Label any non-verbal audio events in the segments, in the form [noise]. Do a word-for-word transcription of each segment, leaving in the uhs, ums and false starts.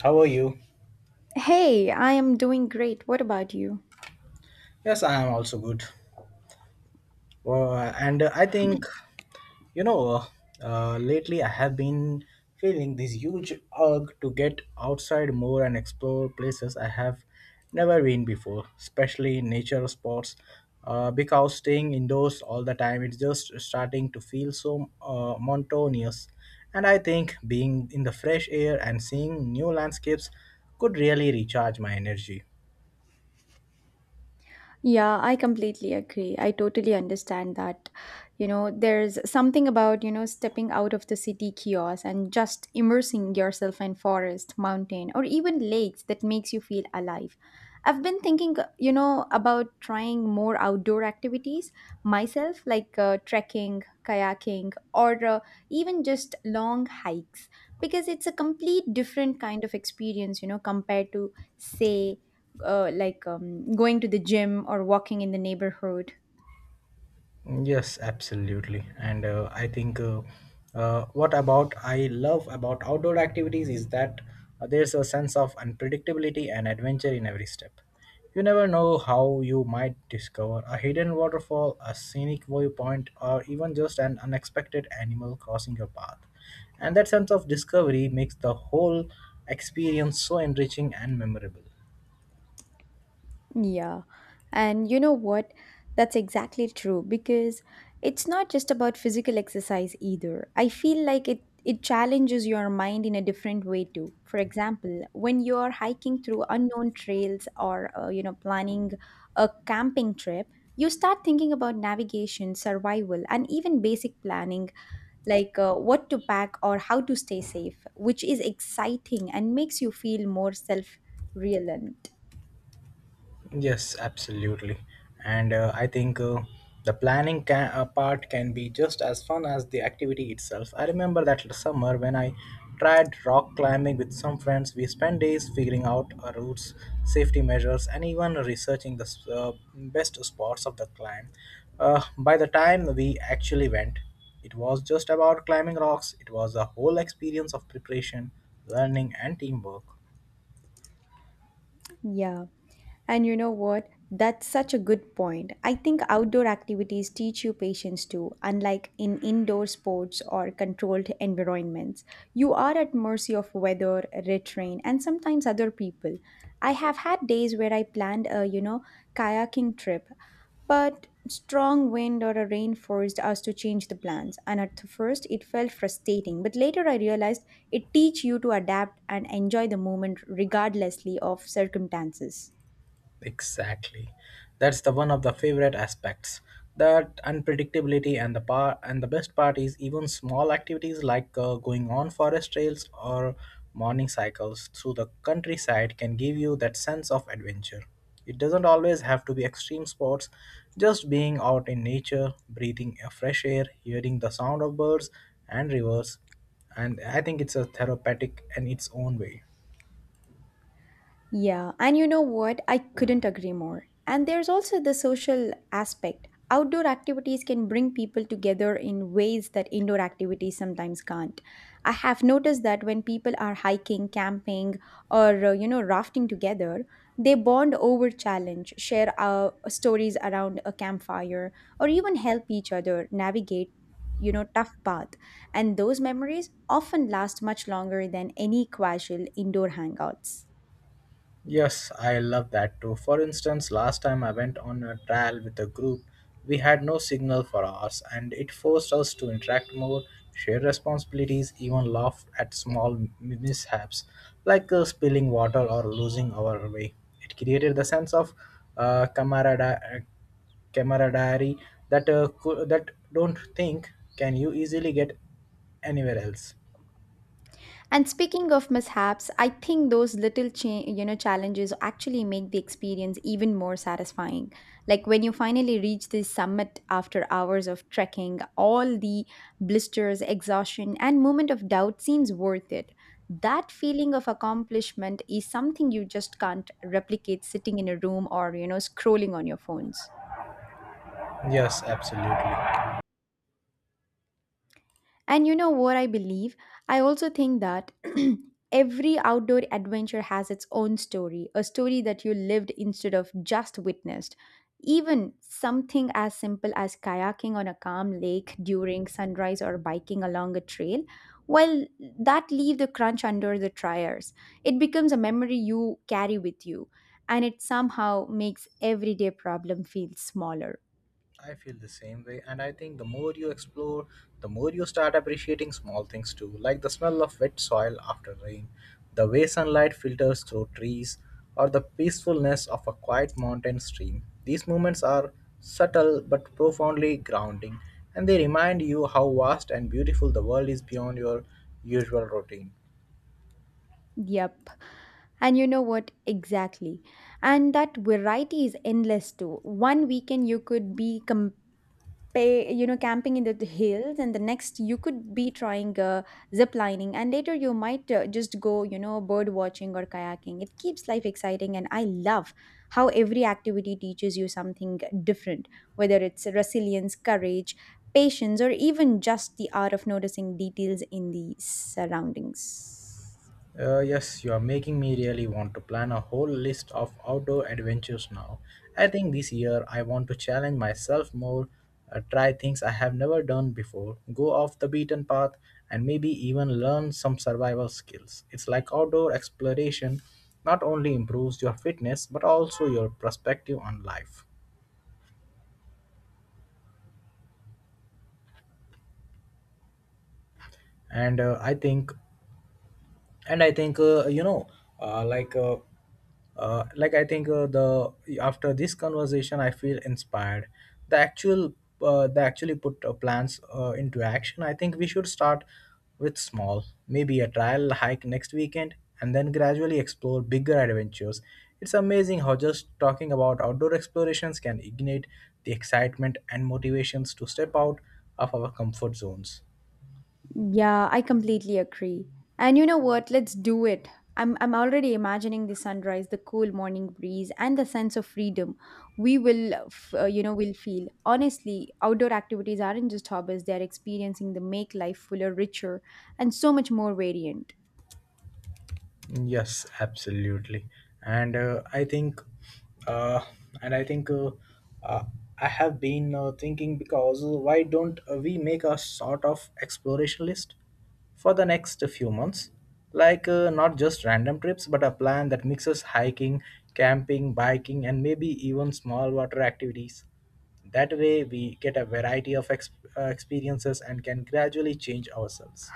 How are you? Hey, I am doing great. What about you? Yes, I am also good. Uh, and I think, you know, uh, lately I have been feeling this huge urge to get outside more and explore places I have never been before, especially nature spots. Uh, because staying indoors all the time, it's just starting to feel so uh, monotonous. And I think being in the fresh air and seeing new landscapes could really recharge my energy. Yeah, I completely agree. I totally understand that. You know, there's something about, you know, stepping out of the city chaos and just immersing yourself in forest, mountain, or even lakes that makes you feel alive. I've been thinking, you know, about trying more outdoor activities myself, like uh, trekking, kayaking, or uh, even just long hikes, because it's a complete different kind of experience, you know, compared to, say, uh, like um, going to the gym or walking in the neighborhood. Yes, absolutely. And uh, I think uh, uh, what about I love about outdoor activities is that uh, there's a sense of unpredictability and adventure in every step. You never know how you might discover a hidden waterfall, a scenic viewpoint, or even just an unexpected animal crossing your path. And that sense of discovery makes the whole experience so enriching and memorable. Yeah. And you know what? That's exactly true because it's not just about physical exercise either. I feel like it it challenges your mind in a different way too. For example, when you're hiking through unknown trails or uh, you know, planning a camping trip, you start thinking about navigation, survival, and even basic planning like uh, what to pack or how to stay safe, which is exciting and makes you feel more self reliant. Yes, absolutely. And uh, I think uh, the planning ca uh, part can be just as fun as the activity itself. I remember that summer when I tried rock climbing with some friends, we spent days figuring out our routes, safety measures, and even researching the s- uh, best spots of the climb. Uh, by the time we actually went, it was just about climbing rocks, it was a whole experience of preparation, learning, and teamwork. Yeah. And you know what? That's such a good point. I think outdoor activities teach you patience too, unlike in indoor sports or controlled environments. You are at mercy of weather, terrain, and sometimes other people. I have had days where I planned a, you know, kayaking trip, but strong wind or a rain forced us to change the plans, and at the first it felt frustrating, but later I realized it teach you to adapt and enjoy the moment regardlessly of circumstances. Exactly. That's the one of the favorite aspects. That unpredictability and the par- and the best part is even small activities like uh, going on forest trails or morning cycles through the countryside can give you that sense of adventure. It doesn't always have to be extreme sports. Just being out in nature, breathing a fresh air, hearing the sound of birds and rivers, and I think it's a therapeutic in its own way. Yeah, and you know what? I couldn't agree more. And there's also the social aspect. Outdoor activities can bring people together in ways that indoor activities sometimes can't. I have noticed that when people are hiking, camping, or uh, you know, rafting together, they bond over challenge, share uh, stories around a campfire, or even help each other navigate, you know, tough path, and those memories often last much longer than any casual indoor hangouts. Yes, I love that too. For instance, last time I went on a trial with a group, we had no signal for hours and it forced us to interact more, share responsibilities, even laugh at small m- mishaps like uh, spilling water or losing our way. It created the sense of uh, camarada- uh, camaraderie that, uh, cou- that don't think can you easily get anywhere else. And speaking of mishaps, I think those little cha- you know, challenges actually make the experience even more satisfying. Like when you finally reach the summit after hours of trekking, all the blisters, exhaustion, and moment of doubt seems worth it. That feeling of accomplishment is something you just can't replicate sitting in a room or, you know, scrolling on your phones. Yes, absolutely. And you know what I believe? I also think that [clears throat] every outdoor adventure has its own story, a story that you lived instead of just witnessed. Even something as simple as kayaking on a calm lake during sunrise or biking along a trail, well, that leave the crunch under the tires. It becomes a memory you carry with you, and it somehow makes everyday problem feel smaller. I feel the same way, and I think the more you explore, the more you start appreciating small things too, like the smell of wet soil after rain, the way sunlight filters through trees, or the peacefulness of a quiet mountain stream. These moments are subtle but profoundly grounding, and they remind you how vast and beautiful the world is beyond your usual routine. Yep. And you know what? Exactly. And that variety is endless too. One weekend you could be compa- you know, camping in the hills, and the next you could be trying uh, zip lining, and later you might uh, just go, you know, bird watching or kayaking. It keeps life exciting, and I love how every activity teaches you something different, whether it's resilience, courage, patience, or even just the art of noticing details in the surroundings. Uh, yes, you are making me really want to plan a whole list of outdoor adventures now. I think this year I want to challenge myself more, uh, try things I have never done before, go off the beaten path, and maybe even learn some survival skills. It's like outdoor exploration not only improves your fitness but also your perspective on life. And uh, I think and I think uh, you know uh, like uh, uh, like I think uh, The after this conversation I feel inspired the actual uh, they actually put uh, plans uh, into action. I think we should start with small, maybe a trial hike next weekend and then gradually explore bigger adventures. It's amazing how just talking about outdoor explorations can ignite the excitement and motivations to step out of our comfort zones. Yeah, I completely agree. And you know what? Let's do it. I'm I'm already imagining the sunrise, the cool morning breeze, and the sense of freedom we will, uh, f- uh, you know, will feel. Honestly, outdoor activities aren't just hobbies; they are experiencing the make life fuller, richer, and so much more variant. Yes, absolutely. And uh, I think, uh, and I think uh, uh, I have been uh, thinking, because why don't uh, we make a sort of exploration list for the next few months? Like uh, not just random trips, but a plan that mixes hiking, camping, biking, and maybe even small water activities. That way, we get a variety of ex- uh, experiences and can gradually change ourselves.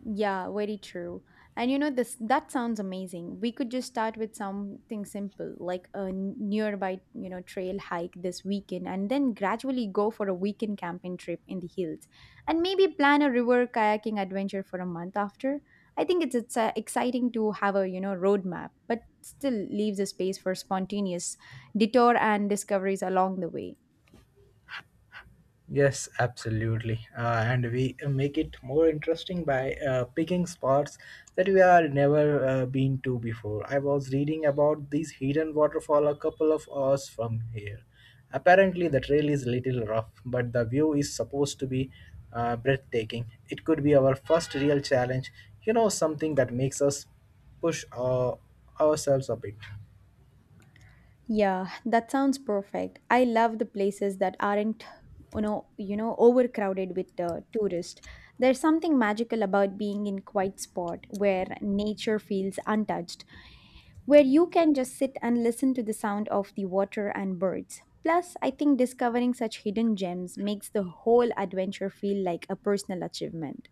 Yeah, very true. And you know this, that sounds amazing. We could just start with something simple like a n- nearby, you know, trail hike this weekend and then gradually go for a weekend camping trip in the hills and maybe plan a river kayaking adventure for a month after. I think it's it's uh, exciting to have a, you know, roadmap, but still leaves a space for spontaneous detour and discoveries along the way. Yes, absolutely. Uh, and we make it more interesting by uh, picking spots that we are never uh, been to before. I was reading about this hidden waterfall a couple of hours from here. Apparently, the trail is little rough, but the view is supposed to be uh, breathtaking. It could be our first real challenge, you know, something that makes us push uh, ourselves a bit. Yeah, that sounds perfect. I love the places that aren't, you know, you know, overcrowded with uh, tourists. There's something magical about being in quiet spot where nature feels untouched, where you can just sit and listen to the sound of the water and birds. Plus, I think discovering such hidden gems makes the whole adventure feel like a personal achievement.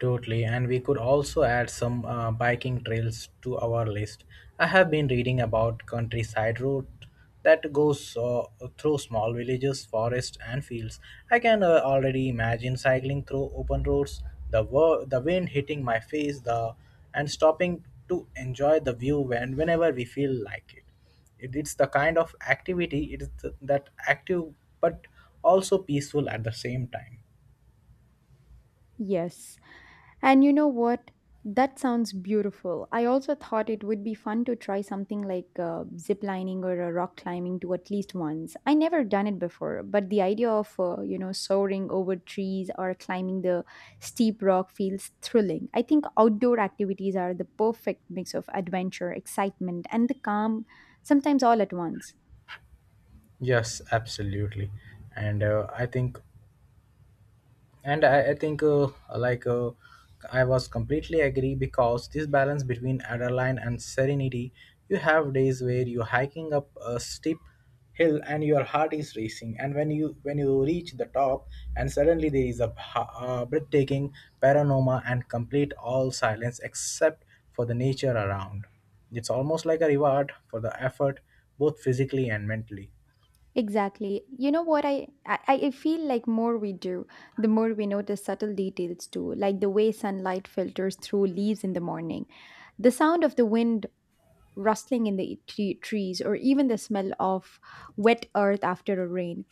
Totally, and we could also add some uh, biking trails to our list. I have been reading about countryside route that goes uh, through small villages, forests, and fields. I can uh, already imagine cycling through open roads, the wo- the wind hitting my face, the and stopping to enjoy the view when whenever we feel like it. It- It's the kind of activity it is th- that active but also peaceful at the same time. Yes. And you know what? That sounds beautiful. I also thought it would be fun to try something like uh, zip lining or uh, rock climbing to at least once. I never done it before, but the idea of uh, you know, soaring over trees or climbing the steep rock feels thrilling. I think outdoor activities are the perfect mix of adventure, excitement, and the calm, sometimes all at once. Yes, absolutely, and uh, I think, and I, I think, uh, like, uh, I was completely agree because this balance between adrenaline and serenity, you have days where you're hiking up a steep hill and your heart is racing, and when you when you reach the top, and suddenly there is a, bha- uh breathtaking panorama and complete all silence except for the nature around. It's almost like a reward for the effort, both physically and mentally. Exactly. You know what, I, I I feel like more we do, the more we notice subtle details too, like the way sunlight filters through leaves in the morning, the sound of the wind rustling in the tre- trees, or even the smell of wet earth after a rain.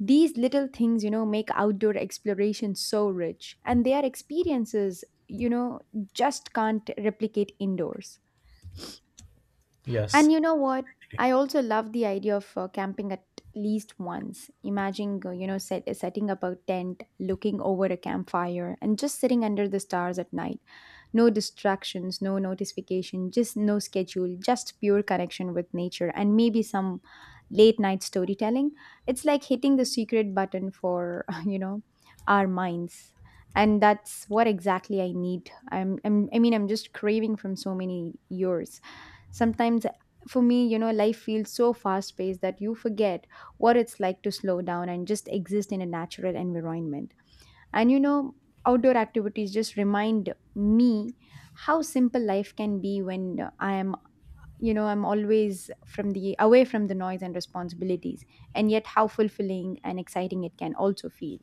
These little things, you know, make outdoor exploration so rich, and they are experiences, you know, just can't replicate indoors. And Yes. you know what? I also love the idea of uh, camping at least once. Imagine, uh, you know, set, setting up a tent, looking over a campfire, and just sitting under the stars at night. No distractions, no notification, just no schedule, just pure connection with nature, and maybe some late night storytelling. It's like hitting the secret button for, [laughs] you know, our minds. And that's what exactly I need. I'm, I'm I mean, I'm just craving from so many years. Sometimes for me, you know, life feels so fast paced that you forget what it's like to slow down and just exist in a natural environment. And you know, outdoor activities just remind me how simple life can be when uh, I am, you know, I'm always from the away from the noise and responsibilities, and yet how fulfilling and exciting it can also feel.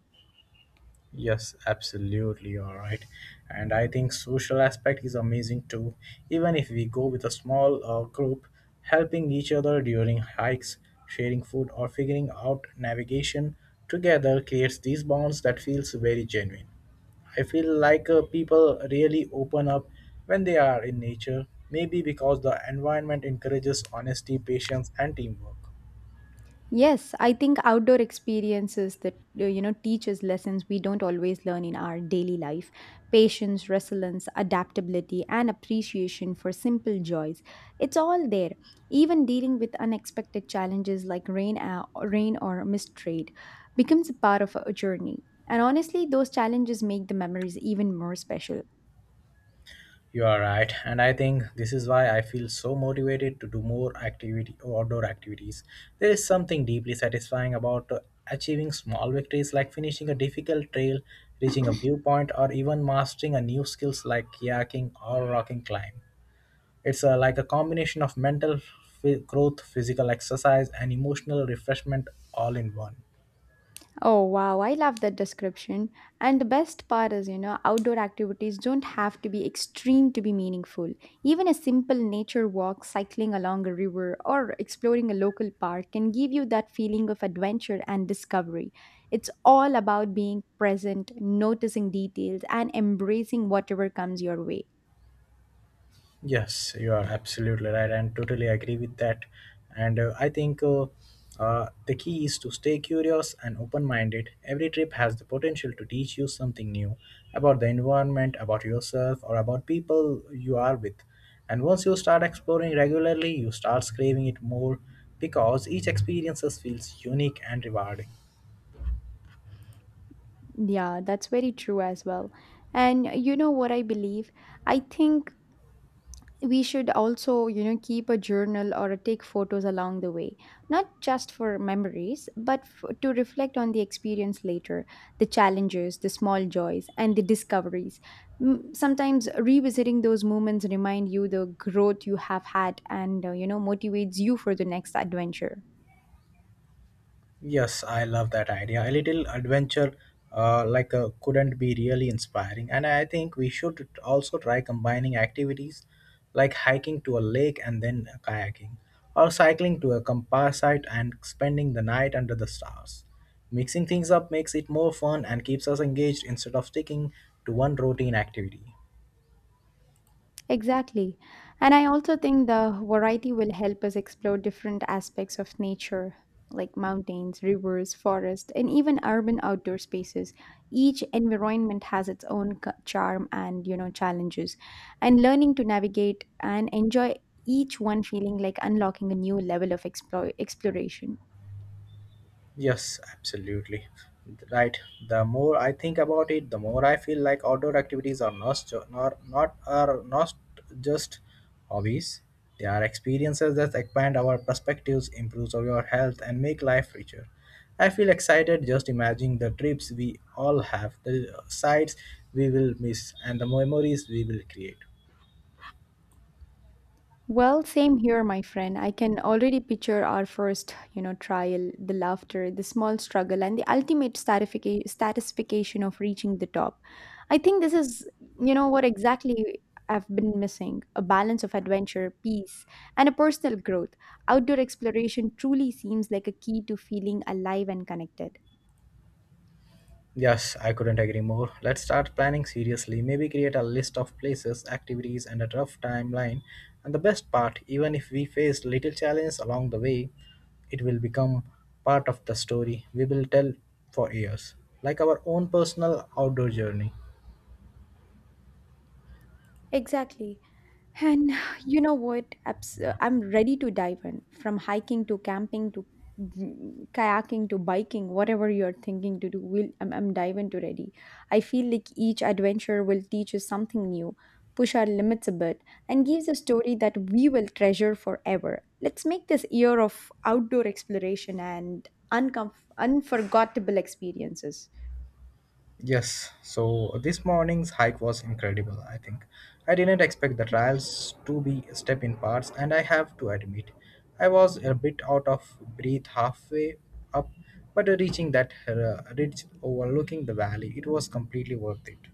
Yes, absolutely, all right. And I think social aspect is amazing too. Even if we go with a small uh, group, helping each other during hikes, sharing food, or figuring out navigation together creates these bonds that feels very genuine. I feel like uh, people really open up when they are in nature, maybe because the environment encourages honesty, patience, and teamwork. Yes, I think outdoor experiences that uh, you know, teach us lessons we don't always learn in our daily life. Patience, resilience, adaptability, and appreciation for simple joys. It's all there. Even dealing with unexpected challenges like rain, uh, rain or mistrade becomes a part of a journey. And honestly, those challenges make the memories even more special. You are right, and I think this is why I feel so motivated to do more activity outdoor activities. There is something deeply satisfying about uh, achieving small victories like finishing a difficult trail, reaching a viewpoint, or even mastering a new skills like kayaking or rocking climb. It's uh, like a combination of mental f- growth, physical exercise, and emotional refreshment all in one. Oh wow, I love that description. And the best part is, you know, outdoor activities don't have to be extreme to be meaningful. Even a simple nature walk, cycling along a river, or exploring a local park can give you that feeling of adventure and discovery. It's all about being present, noticing details, and embracing whatever comes your way. Yes, you are absolutely right, and totally agree with that. And uh, I think uh, uh, The key is to stay curious and open minded. Every trip has the potential to teach you something new about the environment, about yourself, or about people you are with. And once you start exploring regularly, you start craving it more because each experience feels unique and rewarding. Yeah, that's very true as well. And you know what I believe? I think we should also, you know, keep a journal or take photos along the way, not just for memories but f- to reflect on the experience later, the challenges, the small joys, and the discoveries. Mm, sometimes revisiting those moments remind you the growth you have had and, uh, you know, motivates you for the next adventure. Yes, I love that idea. A little adventure, uh, like uh, couldn't be really inspiring. And I think we should also try combining activities like hiking to a lake and then kayaking, or cycling to a campsite and spending the night under the stars. Mixing things up makes it more fun and keeps us engaged instead of sticking to one routine activity. Exactly. And I also think the variety will help us explore different aspects of nature, like mountains, rivers, forests, and even urban outdoor spaces. Each environment has its own c- charm and, you know, challenges. And learning to navigate and enjoy each one feeling like unlocking a new level of explo- exploration. Yes, absolutely. Right. The more I think about it, the more I feel like outdoor activities are not ju- not not are not just hobbies. They are experiences that expand our perspectives, improves our health, and make life richer. I feel excited just imagining the trips we all have, the sights we will miss, and the memories we will create. Well, same here, my friend. I can already picture our first, you know, trial, the laughter, the small struggle, and the ultimate stratifica- satisfaction of reaching the top. I think this is, you know, what exactly I've been missing, a balance of adventure, peace, and a personal growth. Outdoor exploration truly seems like a key to feeling alive and connected. Yes, I couldn't agree more. Let's start planning seriously. Maybe create a list of places, activities, and a rough timeline. And the best part, even if we face little challenges along the way, it will become part of the story we will tell for years, like our own personal outdoor journey. Exactly. And [sighs] you know what? Abs- uh, I'm ready to dive in, from hiking to camping to mm, kayaking to biking, whatever you're thinking to do. We'll, I'm, I'm diving to ready. I feel like each adventure will teach us something new, push our limits a bit, and gives a story that we will treasure forever. Let's make this year of outdoor exploration and uncomf- unforgettable experiences. Yes, so this morning's hike was incredible, I think. I didn't expect the trials to be step in parts, and I have to admit, I was a bit out of breath halfway up, but reaching that uh, ridge overlooking the valley, it was completely worth it.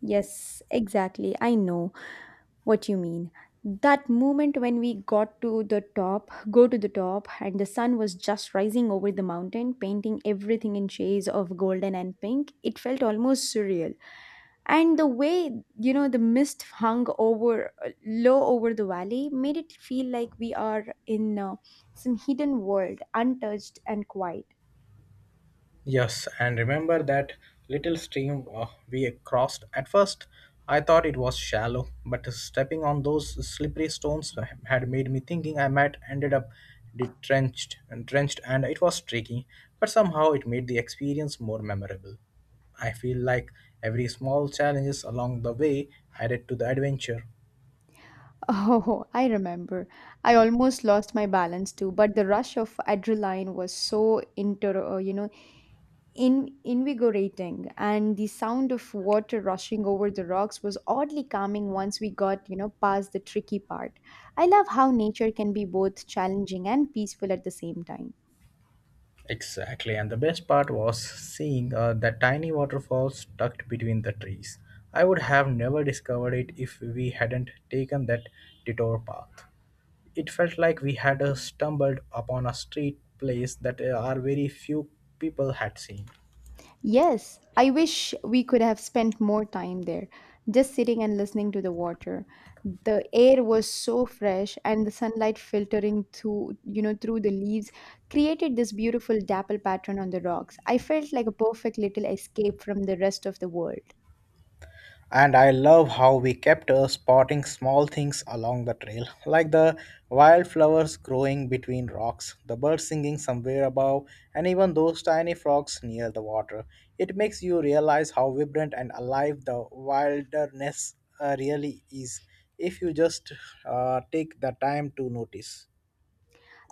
Yes, exactly. I know. What you mean? That moment when we got to the top, go to the top, and the sun was just rising over the mountain, painting everything in shades of golden and pink, it felt almost surreal. And the way, you know, the mist hung over low over the valley made it feel like we are in uh, some hidden world, untouched and quiet. [laughs] Yes, and remember that little stream uh, we crossed. At first, I thought it was shallow, but stepping on those slippery stones had made me thinking I might ended up detrenched, entrenched, and it was tricky. But somehow, it made the experience more memorable. I feel like every small challenges along the way added to the adventure. Oh, I remember. I almost lost my balance too, but the rush of adrenaline was so inter, uh, you know, in invigorating, and the sound of water rushing over the rocks was oddly calming once we got you know past the tricky part. I love how nature can be both challenging and peaceful at the same time. Exactly, and the best part was seeing uh, that tiny waterfalls tucked between the trees. I would have never discovered it if we hadn't taken that detour path. It felt like we had uh, stumbled upon a street place that uh, our very few people had seen. Yes, I wish we could have spent more time there, just sitting and listening to the water. The air was so fresh and the sunlight filtering through you know through the leaves created this beautiful dapple pattern on the rocks. I felt like a perfect little escape from the rest of the world. And I love how we kept uh, spotting small things along the trail, like the wildflowers growing between rocks, the birds singing somewhere above, and even those tiny frogs near the water. It makes you realize how vibrant and alive the wilderness uh, really is if you just uh, take the time to notice.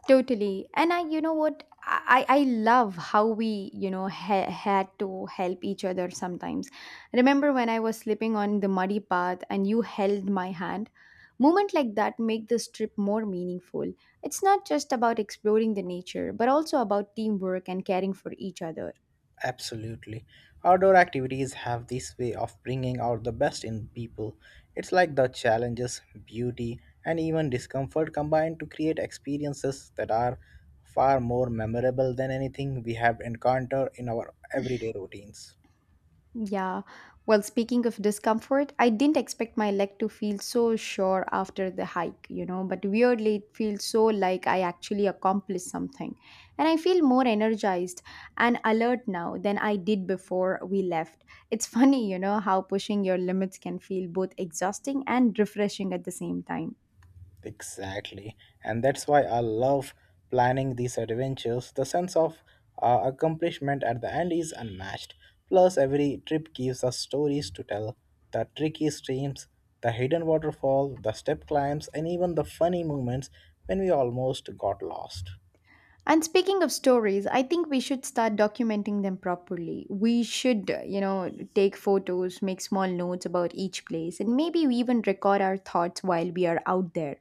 Totally. And I, you know what? I, I I love how we, you know, ha- had to help each other sometimes. Remember when I was slipping on the muddy path and you held my hand? Moment like that make this trip more meaningful. It's not just about exploring the nature, but also about teamwork and caring for each other. Absolutely. Outdoor activities have this way of bringing out the best in people. It's like the challenges, beauty, and even discomfort combined to create experiences that are far more memorable than anything we have encountered in our everyday routines. Yeah. Well, speaking of discomfort, I didn't expect my leg to feel so sore after the hike, you know, but weirdly, it feels so like I actually accomplished something. And I feel more energized and alert now than I did before we left. It's [laughs] funny, you know, how pushing your limits can feel both exhausting and refreshing at the same time. Exactly. And that's why I love planning these adventures. The sense of uh, accomplishment at the end is unmatched. Plus, every trip gives us stories to tell the tricky streams, the hidden waterfall, the step climbs, and even the funny moments when we almost got lost. And speaking of stories, I think we should start documenting them properly. We should, uh, you know, take photos, make small notes about each place, and maybe we even record our thoughts while we are out there.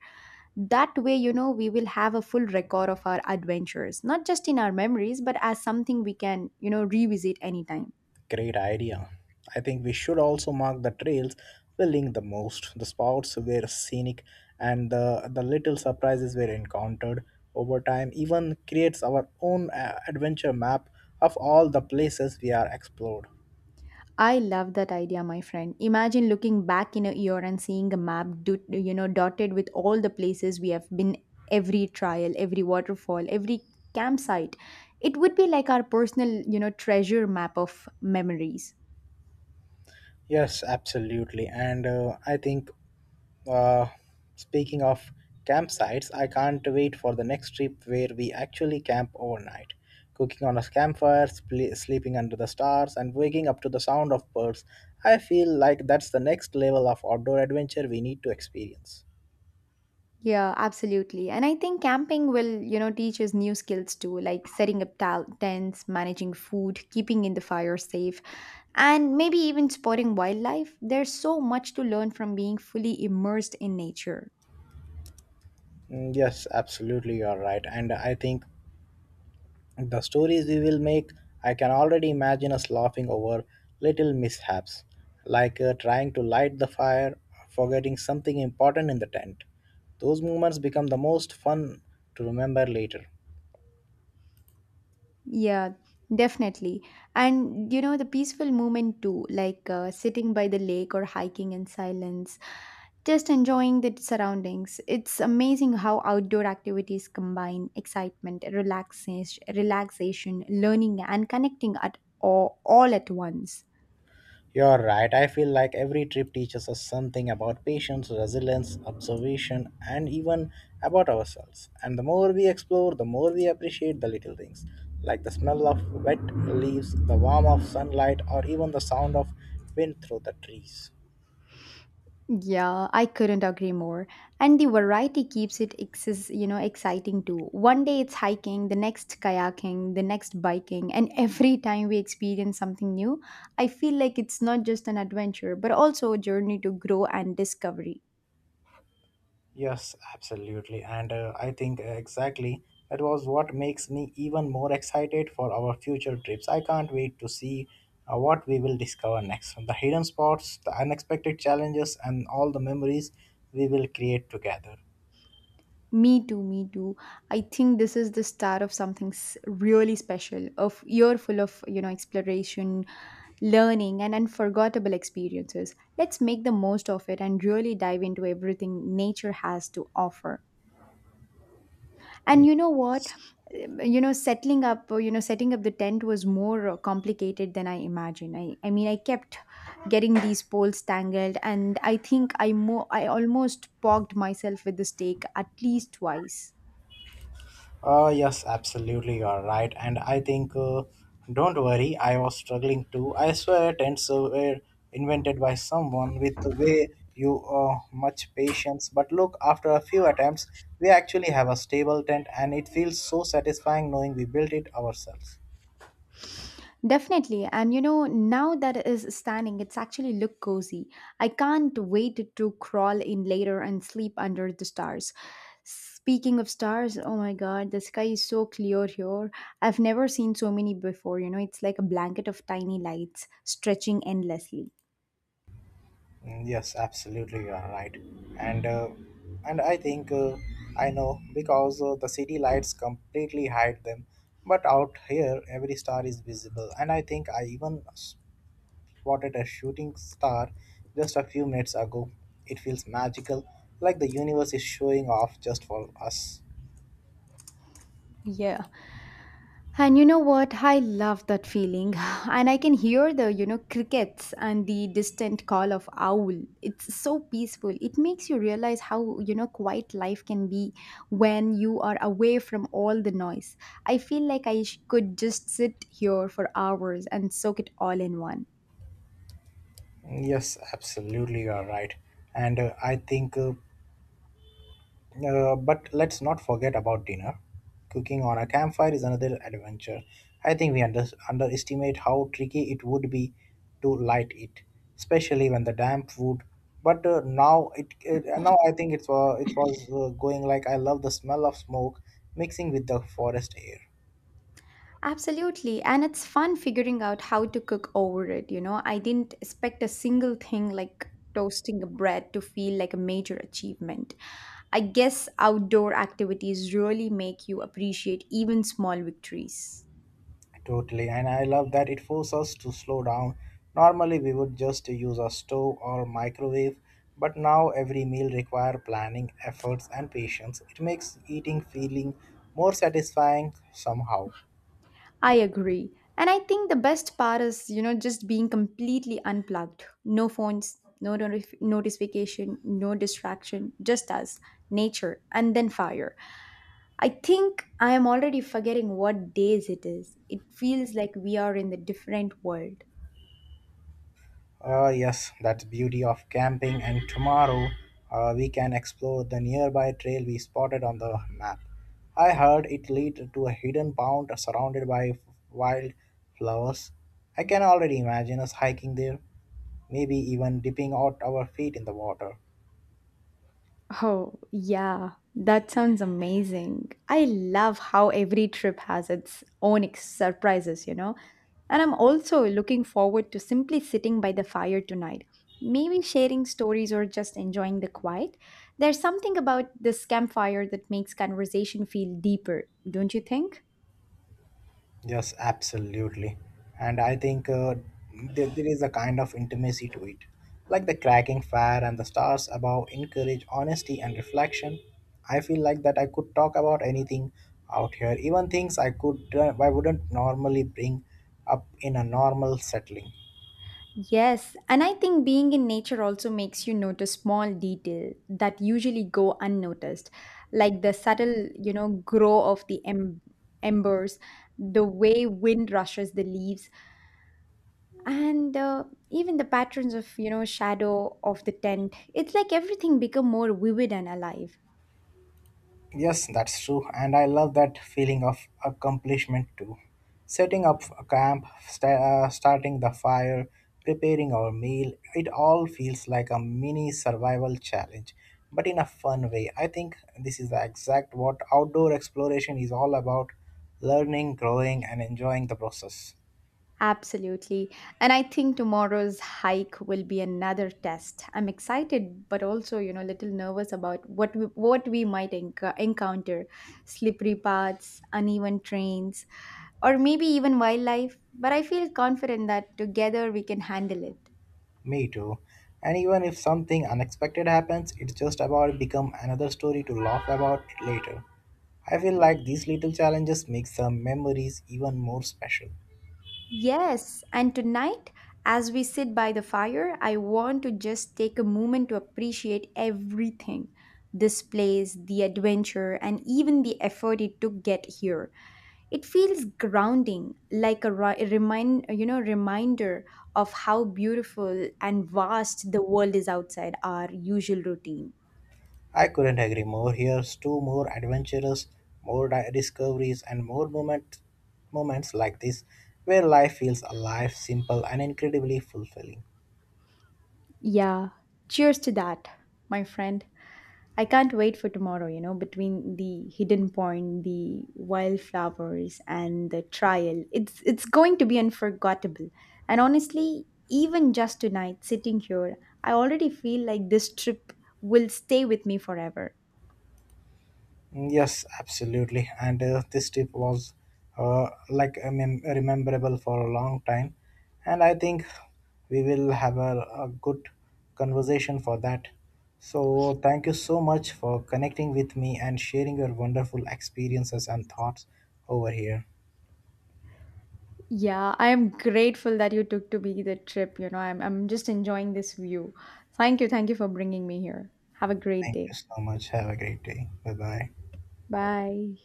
That way, you know, we will have a full record of our adventures, not just in our memories, but as something we can, you know, revisit anytime. Great idea. I think we should also mark the trails we link the most. The spots were scenic and the, the little surprises were encountered over time even creates our own uh, adventure map of all the places we are explored. I love that idea, my friend. Imagine looking back in a year and seeing a map, do, you know, dotted with all the places we have been, every trial, every waterfall, every campsite. It would be like our personal, you know, treasure map of memories. Yes, absolutely. And uh, I think Uh, speaking of campsites, I can't wait for the next trip where we actually camp overnight. Cooking on a campfire, spl- sleeping under the stars, and waking up to the sound of birds. I feel like that's the next level of outdoor adventure we need to experience. Yeah, absolutely. And I think camping will, you know, teach us new skills too, like setting up tal- tents, managing food, keeping in the fire safe, and maybe even spotting wildlife. There's so much to learn from being fully immersed in nature. Mm, yes, absolutely, you are right. And I think the stories we will make, I can already imagine us laughing over little mishaps, like uh, trying to light the fire, or forgetting something important in the tent. Those moments become the most fun to remember later. Yeah, definitely. And you know, the peaceful moment too, like uh, sitting by the lake or hiking in silence, just enjoying the surroundings. It's amazing how outdoor activities combine excitement, relaxation, relaxation, learning, and connecting at all, all at once. You're right. I feel like every trip teaches us something about patience, resilience, observation, and even about ourselves. And the more we explore, the more we appreciate the little things, like the smell of wet leaves, the warmth of sunlight, or even the sound of wind through the trees. Yeah, I couldn't agree more. And the variety keeps it exis you know, exciting too. One day it's hiking, the next kayaking, the next biking, and [laughs] every time we experience something new, I feel like it's not just an adventure, but also a journey to grow and discovery. Yes, absolutely. And uh, I think uh, exactly that was what makes me even more excited for our future trips. I can't wait to see uh, what we will discover next. The hidden spots, the unexpected challenges, and all the memories we will create together. Me too, me too. I think this is the start of something s- really special, of year full of, you know, exploration, learning and unforgettable experiences. Let's make the most of it and really dive into everything nature has to offer. And you know what? Um, You know, settling up, you know, setting up the tent was more uh, complicated than I imagined. I, I mean, I kept getting these poles tangled, and I think I mo- I almost pogged myself with the stake at least twice. Uh, yes, absolutely, you are right. And I think, uh, don't worry, I was struggling too. I swear, tents uh, were invented by someone with way you uh, much patience. But look, after a few attempts, we actually have a stable tent, and it feels so satisfying knowing we built it ourselves. Definitely. And you know, now that it is standing, it's actually look cozy. I can't wait to crawl in later and sleep under the stars. Speaking of stars, oh my god, the sky is so clear here. I've never seen so many before. You know, it's like a blanket of tiny lights stretching endlessly. Mm, yes, absolutely, you are right. And uh, and I think uh, I know because uh, the city lights completely hide them. But out here, every star is visible, and I think I even s- spotted a shooting star just a few minutes ago. It feels magical, like the universe is showing off just for us. Yeah. And you know what? I love that feeling. [laughs] [sighs] And I can hear the, you know, crickets and the distant call of owl. It's so peaceful. It makes you realize how, you know, quiet life can be when you are away from all the noise. I feel like I sh- could just sit here for hours and soak it all in one. Yes, absolutely, you are right. And uh, I think uh, Uh, but let's not forget about dinner. Cooking on a campfire is another adventure. I think we under- underestimate how tricky it would be to light it, especially when the damp wood. But uh, now it, it uh, now I think it was it was uh, going like I love the smell of smoke mixing with the forest air. Absolutely. And it's fun figuring out how to cook over it. You know, I didn't expect a single thing like toasting a bread to feel like a major achievement. I guess outdoor activities really make you appreciate even small victories. Totally, and I love that it forces us to slow down. Normally, we would just use a stove or microwave, but now every meal require planning, efforts, and patience. It makes eating feeling more satisfying somehow. I agree. And I think the best part is, you know, just being completely unplugged. No phones, no notif- notification, no distraction, just us, nature, and then fire. I think I am already forgetting what days it is. It feels like we are in a different world. Uh, yes, that's beauty of camping. And tomorrow, uh, we can explore the nearby trail we spotted on the map. I heard it lead to a hidden pond surrounded by wild flowers. I can already imagine us hiking there, maybe even dipping out our feet in the water. Oh, yeah, that sounds amazing. I love how every trip has its own ex- surprises, you know. And I'm also looking forward to simply sitting by the fire tonight, maybe sharing stories or just enjoying the quiet. There's something about this campfire that makes conversation feel deeper, don't you think? Yes, absolutely. And I think uh, there, There is a kind of intimacy to it. Like the cracking fire and the stars above encourage honesty and reflection. I feel like that I could talk about anything out here, even things I could uh, I wouldn't normally bring up in a normal settling. Yes, and I think being in nature also makes you notice small detail that usually go unnoticed, like the subtle, you know, grow of the em- embers, the way wind rushes the leaves, and uh, even the patterns of, you know, shadow of the tent. It's like everything become more vivid and alive. Yes, that's true, and I love that feeling of accomplishment too. Setting up a camp, sta- uh, starting the fire, preparing our meal, it all feels like a mini survival challenge, but in a fun way. I think this is the exact what outdoor exploration is all about: learning, growing, and enjoying the process. Absolutely. And I think tomorrow's hike will be another test. I'm excited but also, you know, a little nervous about what we, what we might enc- encounter. Slippery paths, uneven trains, or maybe even wildlife, but I feel confident that together we can handle it. Me too. And even if something unexpected happens, it's just about become another story to laugh about later. I feel like these little challenges make some memories even more special. Yes, and tonight, as we sit by the fire, I want to just take a moment to appreciate everything this place, the adventure, and even the effort it took get here. It feels grounding, like a ri- remind, you know, reminder of how beautiful and vast the world is outside our usual routine. I couldn't agree more. Here's two more adventures, more di- discoveries, and more moment, moments like this where life feels alive, simple, and incredibly fulfilling. Yeah, cheers to that, my friend. I can't wait for tomorrow, you know, between the hidden point, the wildflowers and the trial. It's it's going to be unforgettable. And honestly, even just tonight sitting here, I already feel like this trip will stay with me forever. Yes, absolutely. And uh, this trip was uh, like a mem- rememberable for a long time. And I think we will have a, a good conversation for that. So, thank you so much for connecting with me and sharing your wonderful experiences and thoughts over here. Yeah, I am grateful that you took to be the trip, you know. I'm I'm just enjoying this view. Thank you, thank you for bringing me here. Have a great Thank you day. so much. Have a great day. Bye bye. Bye.